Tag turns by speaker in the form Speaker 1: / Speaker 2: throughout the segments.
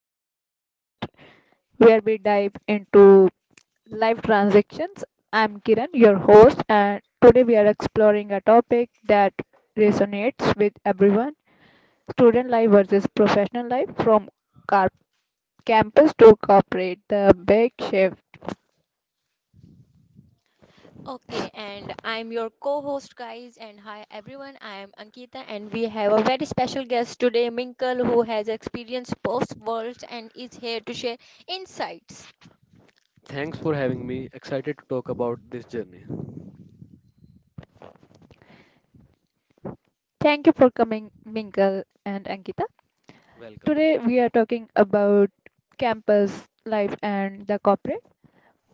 Speaker 1: to our podcast where we dive into life transactions. I'm Kiran, your host, and today we are exploring a topic that resonates with everyone student life versus professional life from car- campus to corporate, the big shifts.
Speaker 2: Okay, and I'm your co host, guys. And hi, everyone. I am Ankita, and we have a very special guest today, Minkle, who has experienced both worlds and is here to share insights.
Speaker 3: Thanks for having me. Excited to talk about this journey.
Speaker 1: Thank you for coming, Minkle and Ankita. Today we are talking about campus life and the corporate.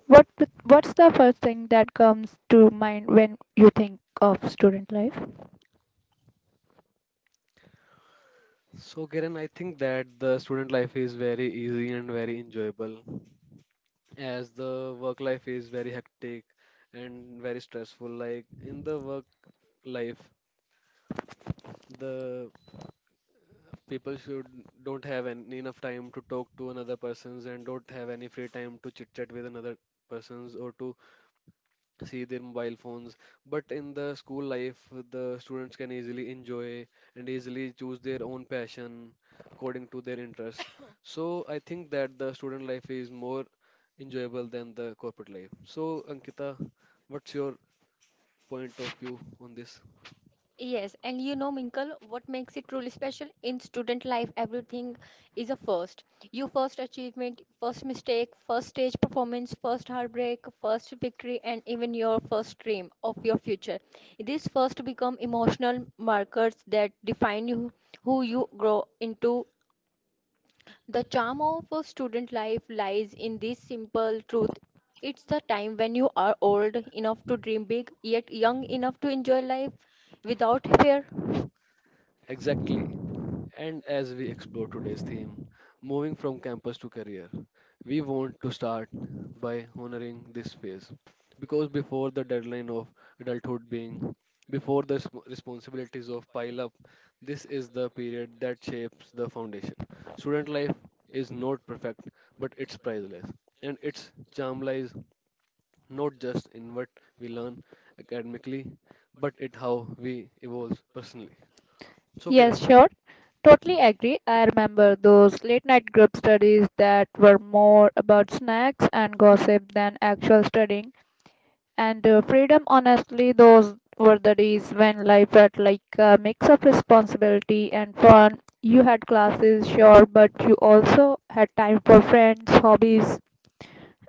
Speaker 1: What's the first thing that comes to mind when you think of student life?
Speaker 3: So, Karen, I think that the student life is very easy and very enjoyable. As the work life is very hectic and very stressful, like in the work life the people should don't have an enough time to talk to another persons and don't have any free time to chit chat with another persons or to see their mobile phones, but in the school life the students can easily enjoy and easily choose their own passion according to their interests. So I think that the student life is more enjoyable than the corporate life. So Ankita, what your point of view on this?
Speaker 2: Yes, and you know, Minkle, what makes it truly special? In student life, everything is a first. Your first achievement, first mistake, first stage performance, first heartbreak, first victory, and even your first dream of your future. These first become emotional markers that define you, who you grow into. The charm of a student life lies in this simple truth. It's the time when you are old enough to dream big, yet young enough to enjoy life without fear.
Speaker 3: Exactly. And as we explore today's theme, moving from campus to career, we want to start by honoring this phase. Because before the deadline of adulthood being, before the responsibilities of pile up, this is the period that shapes the foundation. Student life is not perfect, but it's priceless. And its charm lies not just in what we learn academically, but in how we evolve personally. So,
Speaker 1: Yes,
Speaker 3: Kiran,
Speaker 1: sure. Totally agree. I remember those late night group studies that were more about snacks and gossip than actual studying. And freedom, honestly, those were the days when life felt like a mix of responsibility and fun. You had classes, sure, but you also had time for friends, hobbies,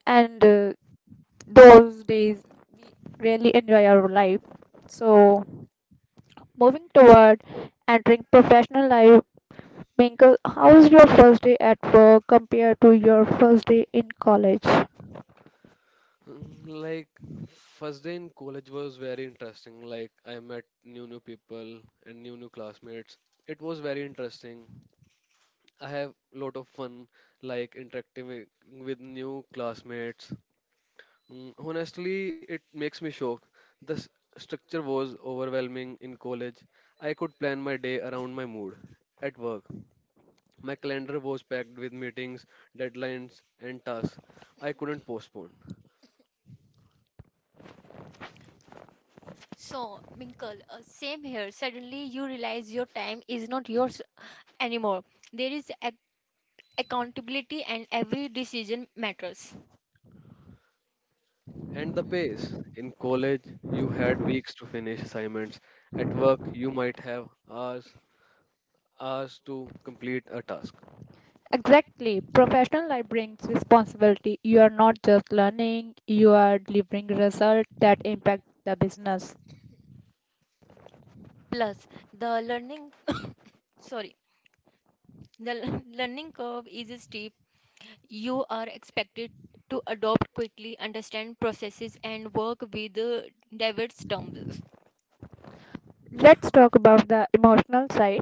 Speaker 1: and those days we really enjoy our life. So, moving toward entering professional life, Minkle, how's your first day at work compared to your first day in college?
Speaker 3: Like first day in college was very interesting. Like I met new people and new classmates. It was very interesting. I have lot of fun like interacting with new classmates. Honestly, it makes me shocked. The s- Structure was overwhelming in college. I could plan my day around my mood. At work, my calendar was packed with meetings, deadlines, and tasks I couldn't postpone.
Speaker 2: So, Minkle, same here. Suddenly, you realize your time is not yours anymore. There is ac accountability, and every decision matters.
Speaker 3: And the pace. In college, you had weeks to finish assignments. At work, you might have hours to complete a task.
Speaker 1: Exactly. Professional life brings responsibility. You are not just learning, you are delivering results that impact the business.
Speaker 2: Plus, the learning, sorry, the learning curve is steep. You are expected to adopt quickly, understand processes, and work with diverse terms.
Speaker 1: Let's talk about the emotional side.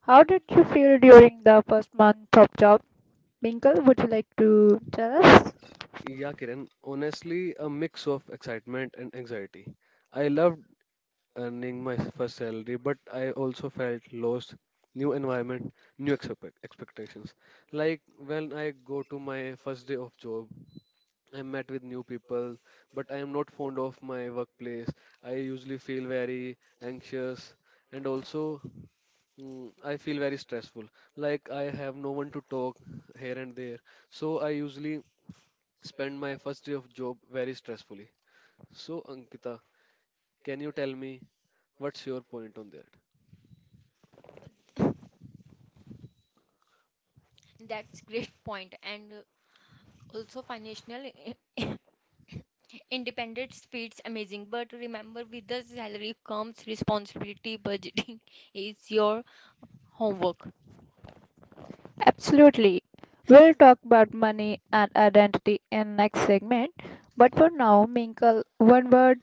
Speaker 1: How did you feel during the first month of job? Minkle, would you like to tell us?
Speaker 3: Yeah, Kiran, honestly, a mix of excitement and anxiety. I loved earning my first salary, but I also felt lost. New environment, new expectations. Like when I go to my first day of job, I met with new people, but I am not fond of my workplace. I usually feel very anxious and also I feel very stressful. Like I have no one to talk here and there. So I usually spend my first day of job very stressfully. So Ankita, can you tell me what's your point on that?
Speaker 2: That's great point. And also, financial Independence feels amazing, but remember with the salary comes responsibility. Budgeting is your homework.
Speaker 1: Absolutely. We'll talk about money and identity in next segment. But for now, Minkle, one word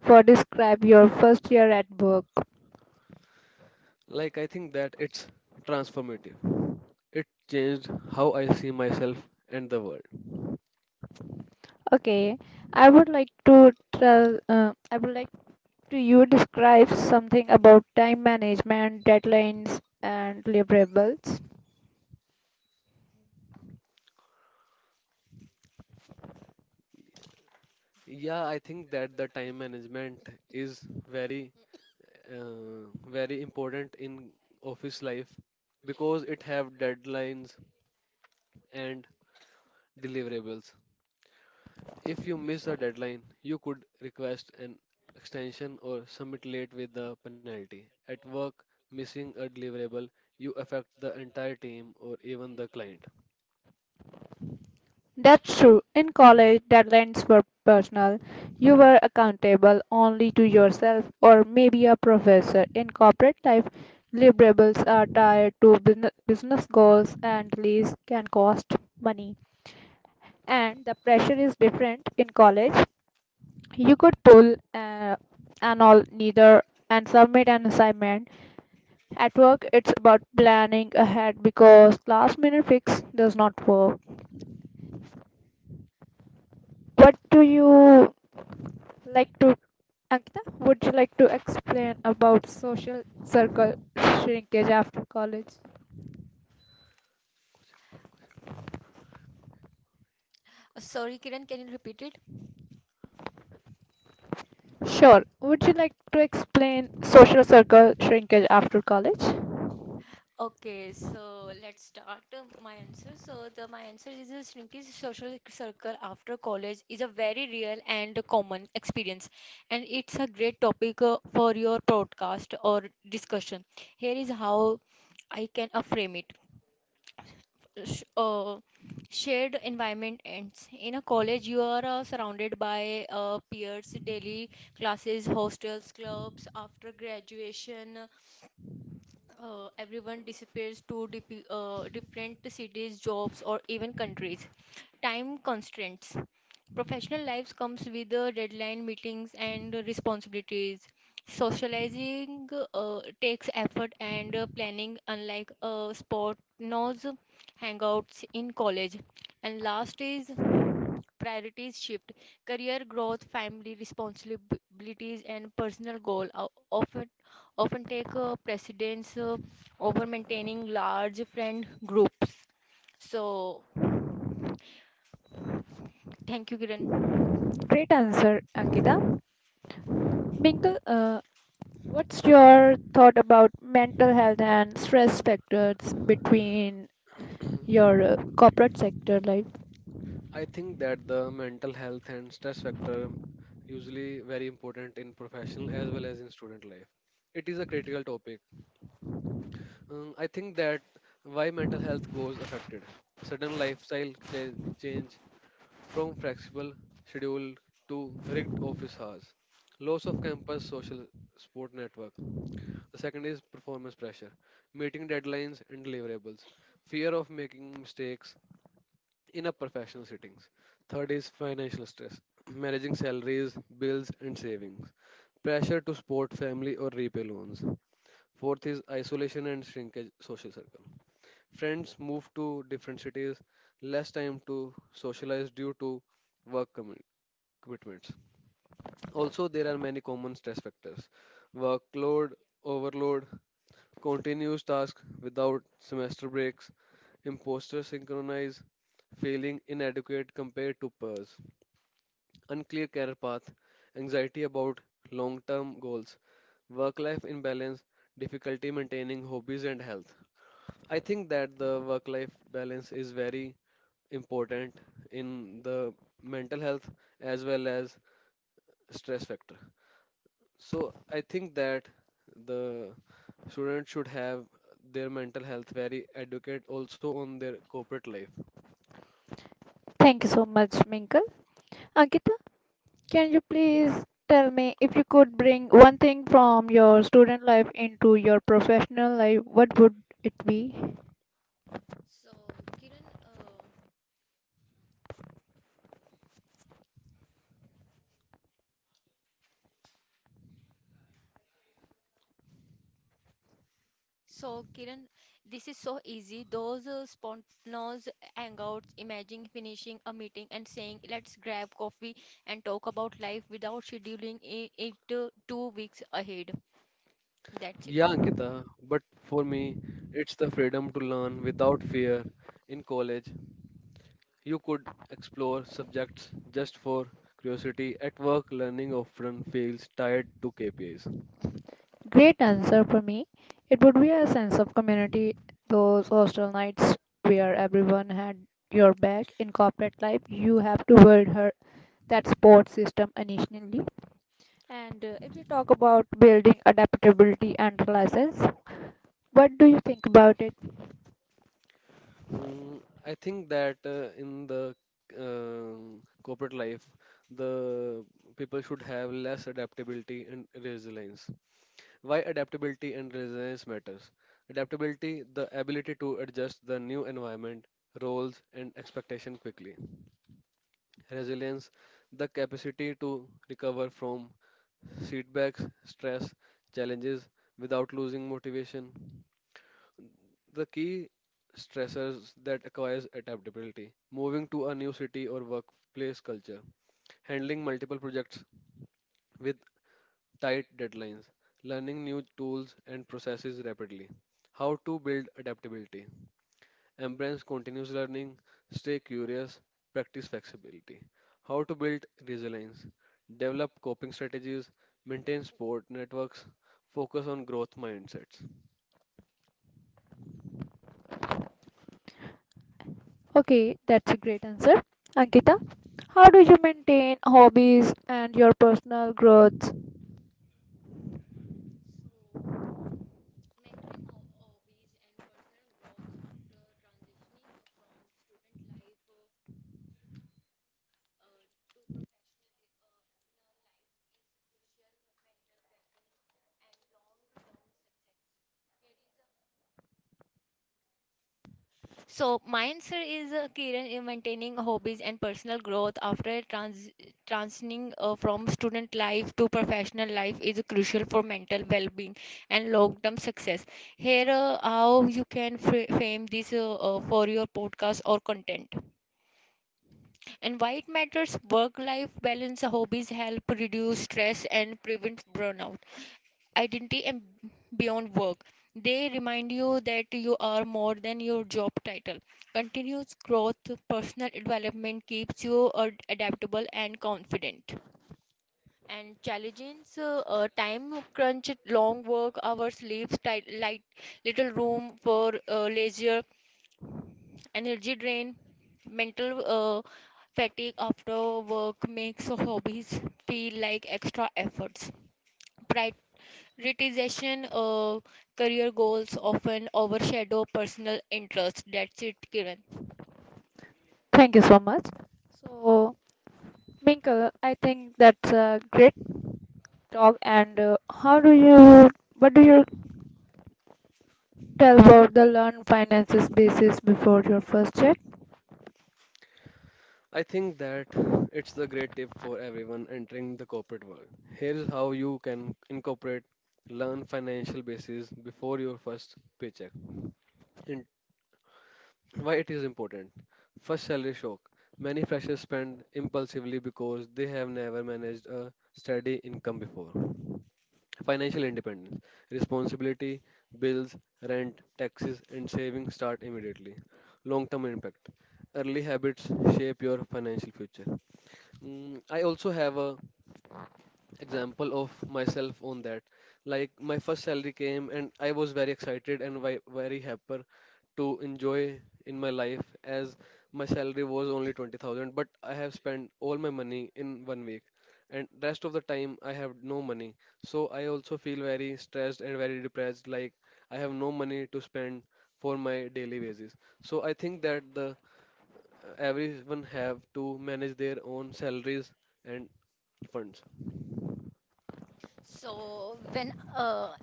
Speaker 1: for describe your first year at work.
Speaker 3: Like I think that it's transformative. It changed how I see myself and the world.
Speaker 1: Okay, I would like to tell. I would like to you describe something about time management, deadlines, and deliverables.
Speaker 3: Yeah, I think that the time management is very uh, very important in office life, because it have deadlines and deliverables. If you miss a deadline you could request an extension or submit late with a penalty. At work, missing a deliverable, you affect the entire team or even the client.
Speaker 1: That's true. In college, deadlines were personal. You were accountable only to yourself or maybe a professor. In corporate life, deliverables are tied to business goals and leases can cost money. And the pressure is different in college. You could pull an all neither and submit an assignment. At work, it's about planning ahead because last minute fix does not work. What do you like to Ankita, would you like to explain about social circle shrinkage after college?
Speaker 2: Sorry, Kiran, can you repeat it?
Speaker 1: Sure. Would you like to explain social circle shrinkage after college?
Speaker 2: Okay, so let's start my answer. So the my answer is a shrinking social circle after college is a very real and common experience, and it's a great topic for your podcast or discussion. Here is how I can frame it. sh- uh, Shared environment ends. In a college, you are surrounded by peers, daily classes, hostels, clubs. After graduation, everyone disappears to different cities, jobs, or even countries. Time constraints. Professional lives comes with deadline meetings and responsibilities. Socializing takes effort and planning, unlike a sport knows hangouts in college. And last is priorities shift. Career growth, family responsibilities, and personal goal are often take precedence over maintaining large friend groups. So, thank you, Kiran.
Speaker 1: Great answer, Ankita. Minkle, what's your thought about mental health and stress factors between your corporate sector life?
Speaker 3: I think that the mental health and stress factor usually very important in professional as well as in student life. It is a critical topic. I think that why mental health goes affected. Sudden lifestyle change from flexible schedule to rigged office hours. Loss of campus social support network. The second is performance pressure, meeting deadlines and deliverables, fear of making mistakes in a professional settings. Third is financial stress, managing salaries, bills and savings, pressure to support family or repay loans. Fourth is isolation and shrinkage social circle. Friends move to different cities, less time to socialize due to work commitments. Also, there are many common stress factors: workload, overload, continuous tasks without semester breaks, imposter synchronize, feeling inadequate compared to peers, unclear career path, anxiety about long term goals, work life imbalance, difficulty maintaining hobbies and health. I think that the work life balance is very important in the mental health as well as stress factor. So I think that the students should have their mental health very adequate also on their corporate life.
Speaker 1: Thank you so much, Minkle. Ankita, can you please tell me if you could bring one thing from your student life into your professional life, what would it be?
Speaker 2: So, Kiran, uh, So, Kiran, this is so easy. Those spontaneous hangouts, imagine finishing a meeting and saying, let's grab coffee and talk about life without scheduling it 2 weeks ahead. That's it.
Speaker 3: Yeah, Ankita, but for me it's the freedom to learn without fear. In college, you could explore subjects just for curiosity. At work, learning often feels tied to KPIs.
Speaker 1: Great answer for me. It would be a sense of community, those hostel nights where everyone had your back. In corporate life, you have to build her that support system initially. And if you talk about building adaptability and resilience, what do you think about it?
Speaker 3: I think that in the corporate life, the people should have less adaptability and resilience. Why adaptability and resilience matters? Adaptability, the ability to adjust the new environment, roles, and expectation quickly. Resilience, the capacity to recover from setbacks, stress, challenges without losing motivation. The key stressors that acquires adaptability, moving to a new city or workplace culture, handling multiple projects with tight deadlines, learning new tools and processes rapidly. How to build adaptability, embrace continuous learning, stay curious, practice flexibility. How to build resilience, develop coping strategies, maintain support networks, focus on growth mindsets.
Speaker 1: Okay, that's a great answer. Ankita, how do you maintain hobbies and your personal growth?
Speaker 2: So, my answer is Kiran, maintaining hobbies and personal growth after transitioning from student life to professional life is crucial for mental well being and long term success. Here, how you can frame this for your podcast or content. And why it matters, work life balance hobbies help reduce stress and prevent burnout, identity and beyond work. They remind you that you are more than your job title. Continuous growth, personal development keeps you adaptable and confident. And challenges, time crunch, long work hours, leaves, tight, light, little room for leisure, energy drain, mental uh, fatigue after work makes hobbies feel like extra efforts. Pri- Prioritization of career goals often overshadow personal interests. That's it, Kiran.
Speaker 1: Thank you so much. So, Minkle, I think that's a great talk. And what do you tell about the learn finances basis before your first check?
Speaker 3: I think that it's the great tip for everyone entering the corporate world. Here is how you can incorporate learn financial basis before your first paycheck. And why it is important. First salary shock. Many freshers spend impulsively because they have never managed a steady income before. Financial independence, responsibility, bills, rent, taxes, and savings start immediately. Long term impact. Early habits shape your financial future. I also have a example of myself on that. Like my first salary came and I was very excited and very happy to enjoy in my life, as my salary was only 20,000, but I have spent all my money in one week and rest of the time I have no money. So I also feel very stressed and very depressed, like I have no money to spend for my daily basis. So I think that the everyone have to manage their own salaries and funds.
Speaker 2: So when uh,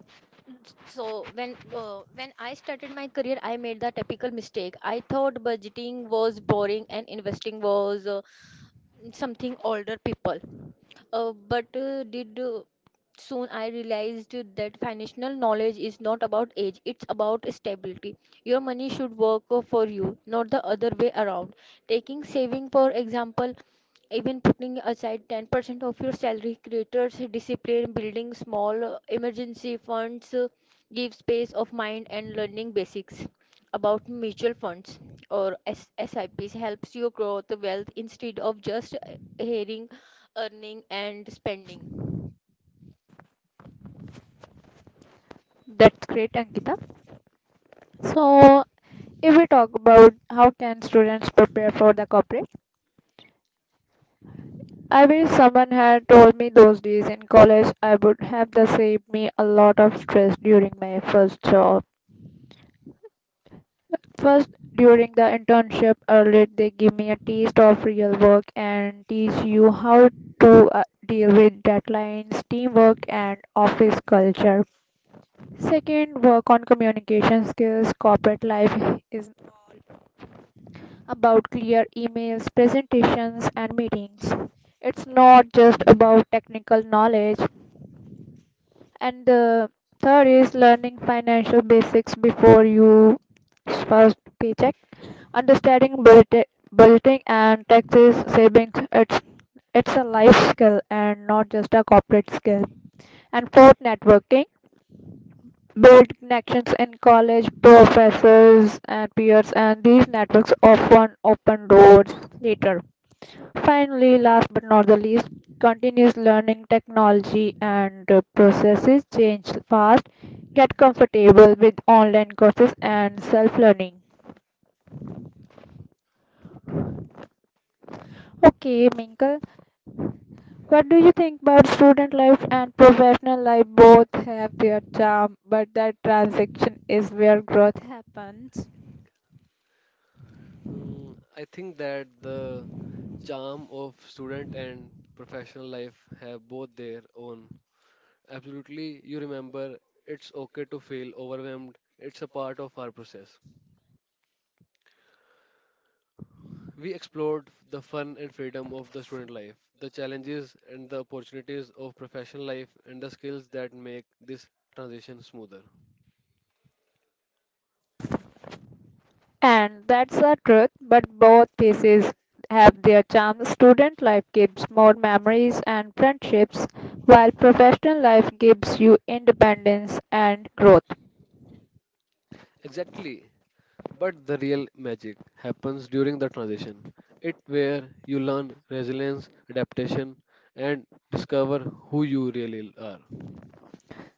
Speaker 2: when I started my career, I made the typical mistake. I thought budgeting was boring and investing was something older people. But did Soon I realized that financial knowledge is not about age, it's about stability. Your money should work for you, not the other way around. Taking saving, for example, even putting aside 10% of your salary creators discipline, building small emergency funds give space of mind, and learning basics about mutual funds or SIPs helps you grow the wealth instead of just hearing earning and spending.
Speaker 1: That's great, Ankita. So, if we talk about how can students prepare for the corporate, I wish someone had told me those days in college I would have the saved me a lot of stress during my first job. First, during the internship, early they give me a taste of real work and teach you how to deal with deadlines, teamwork, and office culture. Second, work on communication skills. Corporate life is about clear emails, presentations, and meetings. It's not just about technical knowledge. And the third is learning financial basics before you first paycheck. Understanding budgeting and taxes, savings, it's a life skill and not just a corporate skill. And fourth, networking. Build connections in college, professors, and peers, and these networks often open doors later. Finally, last but not the least, continuous learning technology and processes change fast. Get comfortable with online courses and self learning. Okay, Minkle, what do you think about student life and professional life? Both have their charm, but that transition is where growth happens.
Speaker 3: I think that the charm of student and professional life have both their own. Absolutely, you remember it's okay to feel overwhelmed. It's a part of our process. We explored the fun and freedom of the student life, the challenges and the opportunities of professional life, and the skills that make this transition smoother.
Speaker 1: And that's the truth, but both pieces have their charm. Student life gives more memories and friendships, while professional life gives you independence and growth.
Speaker 3: Exactly. But the real magic happens during the transition. It where you learn resilience, adaptation, and discover who you really are.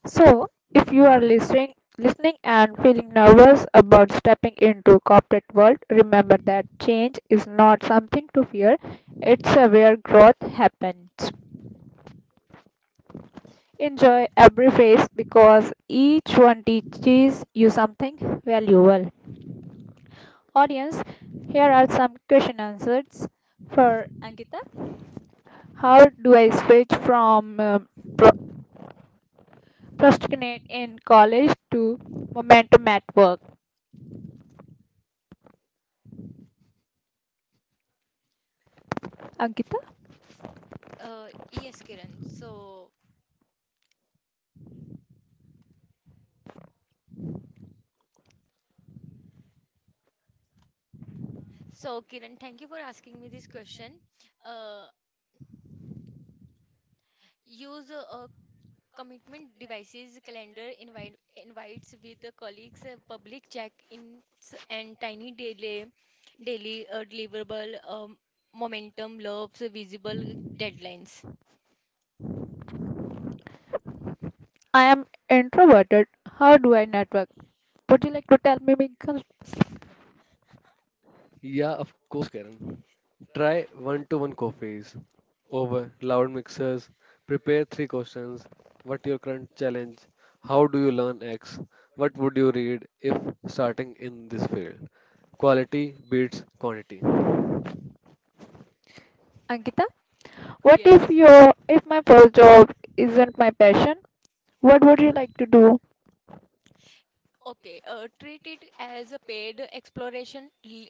Speaker 1: So, if you are listening and feeling nervous about stepping into corporate world, remember that change is not something to fear. It's where growth happens. Enjoy every phase because each one teaches you something valuable. Audience, here are some question answers for Ankita. How do I switch from pro- procrastinate in college to momentum at work? Ankita?
Speaker 2: Yes, Kiran. So, Kiran, thank you for asking me this question. Uh, Use a commitment devices, calendar invite, invites with the colleagues, public check-ins, and tiny daily deliverable, momentum loves visible deadlines.
Speaker 1: I am introverted. How do I network? Would you like to tell me, Winkle?
Speaker 3: Yeah, of course, Karen. Try one-to-one coffees over loud mixers. Prepare three questions. What your current challenge? How do you learn X? What would you read if starting in this field? Quality beats quantity.
Speaker 1: Ankita? What if
Speaker 2: Yes.
Speaker 1: your if my first job isn't my passion? What would you like to do?
Speaker 2: Okay, treat it as a paid exploration,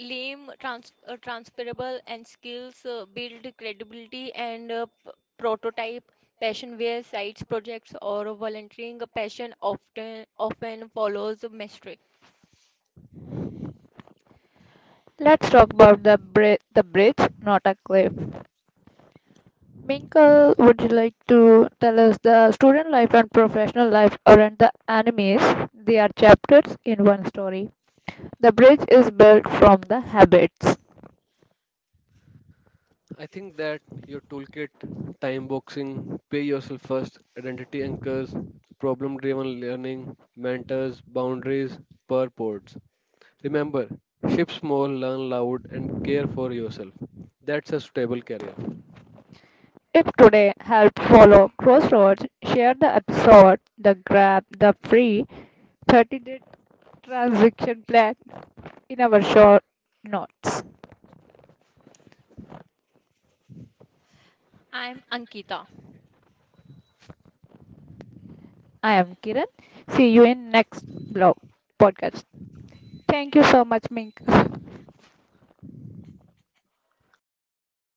Speaker 2: lame, transferable, and skills build credibility and prototype passion where sites, projects, or volunteering passion often follows a mastery.
Speaker 1: Let's talk about the bridge, not a cliff. Minkle, would you like to tell us the student life and professional life aren't the enemies? They are chapters in one story. The bridge is built from the habits.
Speaker 3: I think that your toolkit, time boxing, pay yourself first, identity anchors, problem driven learning, mentors, boundaries, purports. Remember, ship small, learn loud, and care for yourself. That's a stable career.
Speaker 1: If today helped follow Crossroads, share the episode, the grab, the free 30-day transaction plan in our short notes.
Speaker 2: I'm Ankita.
Speaker 1: I am Kiran. See you in next blog podcast. Thank you so much, Mink.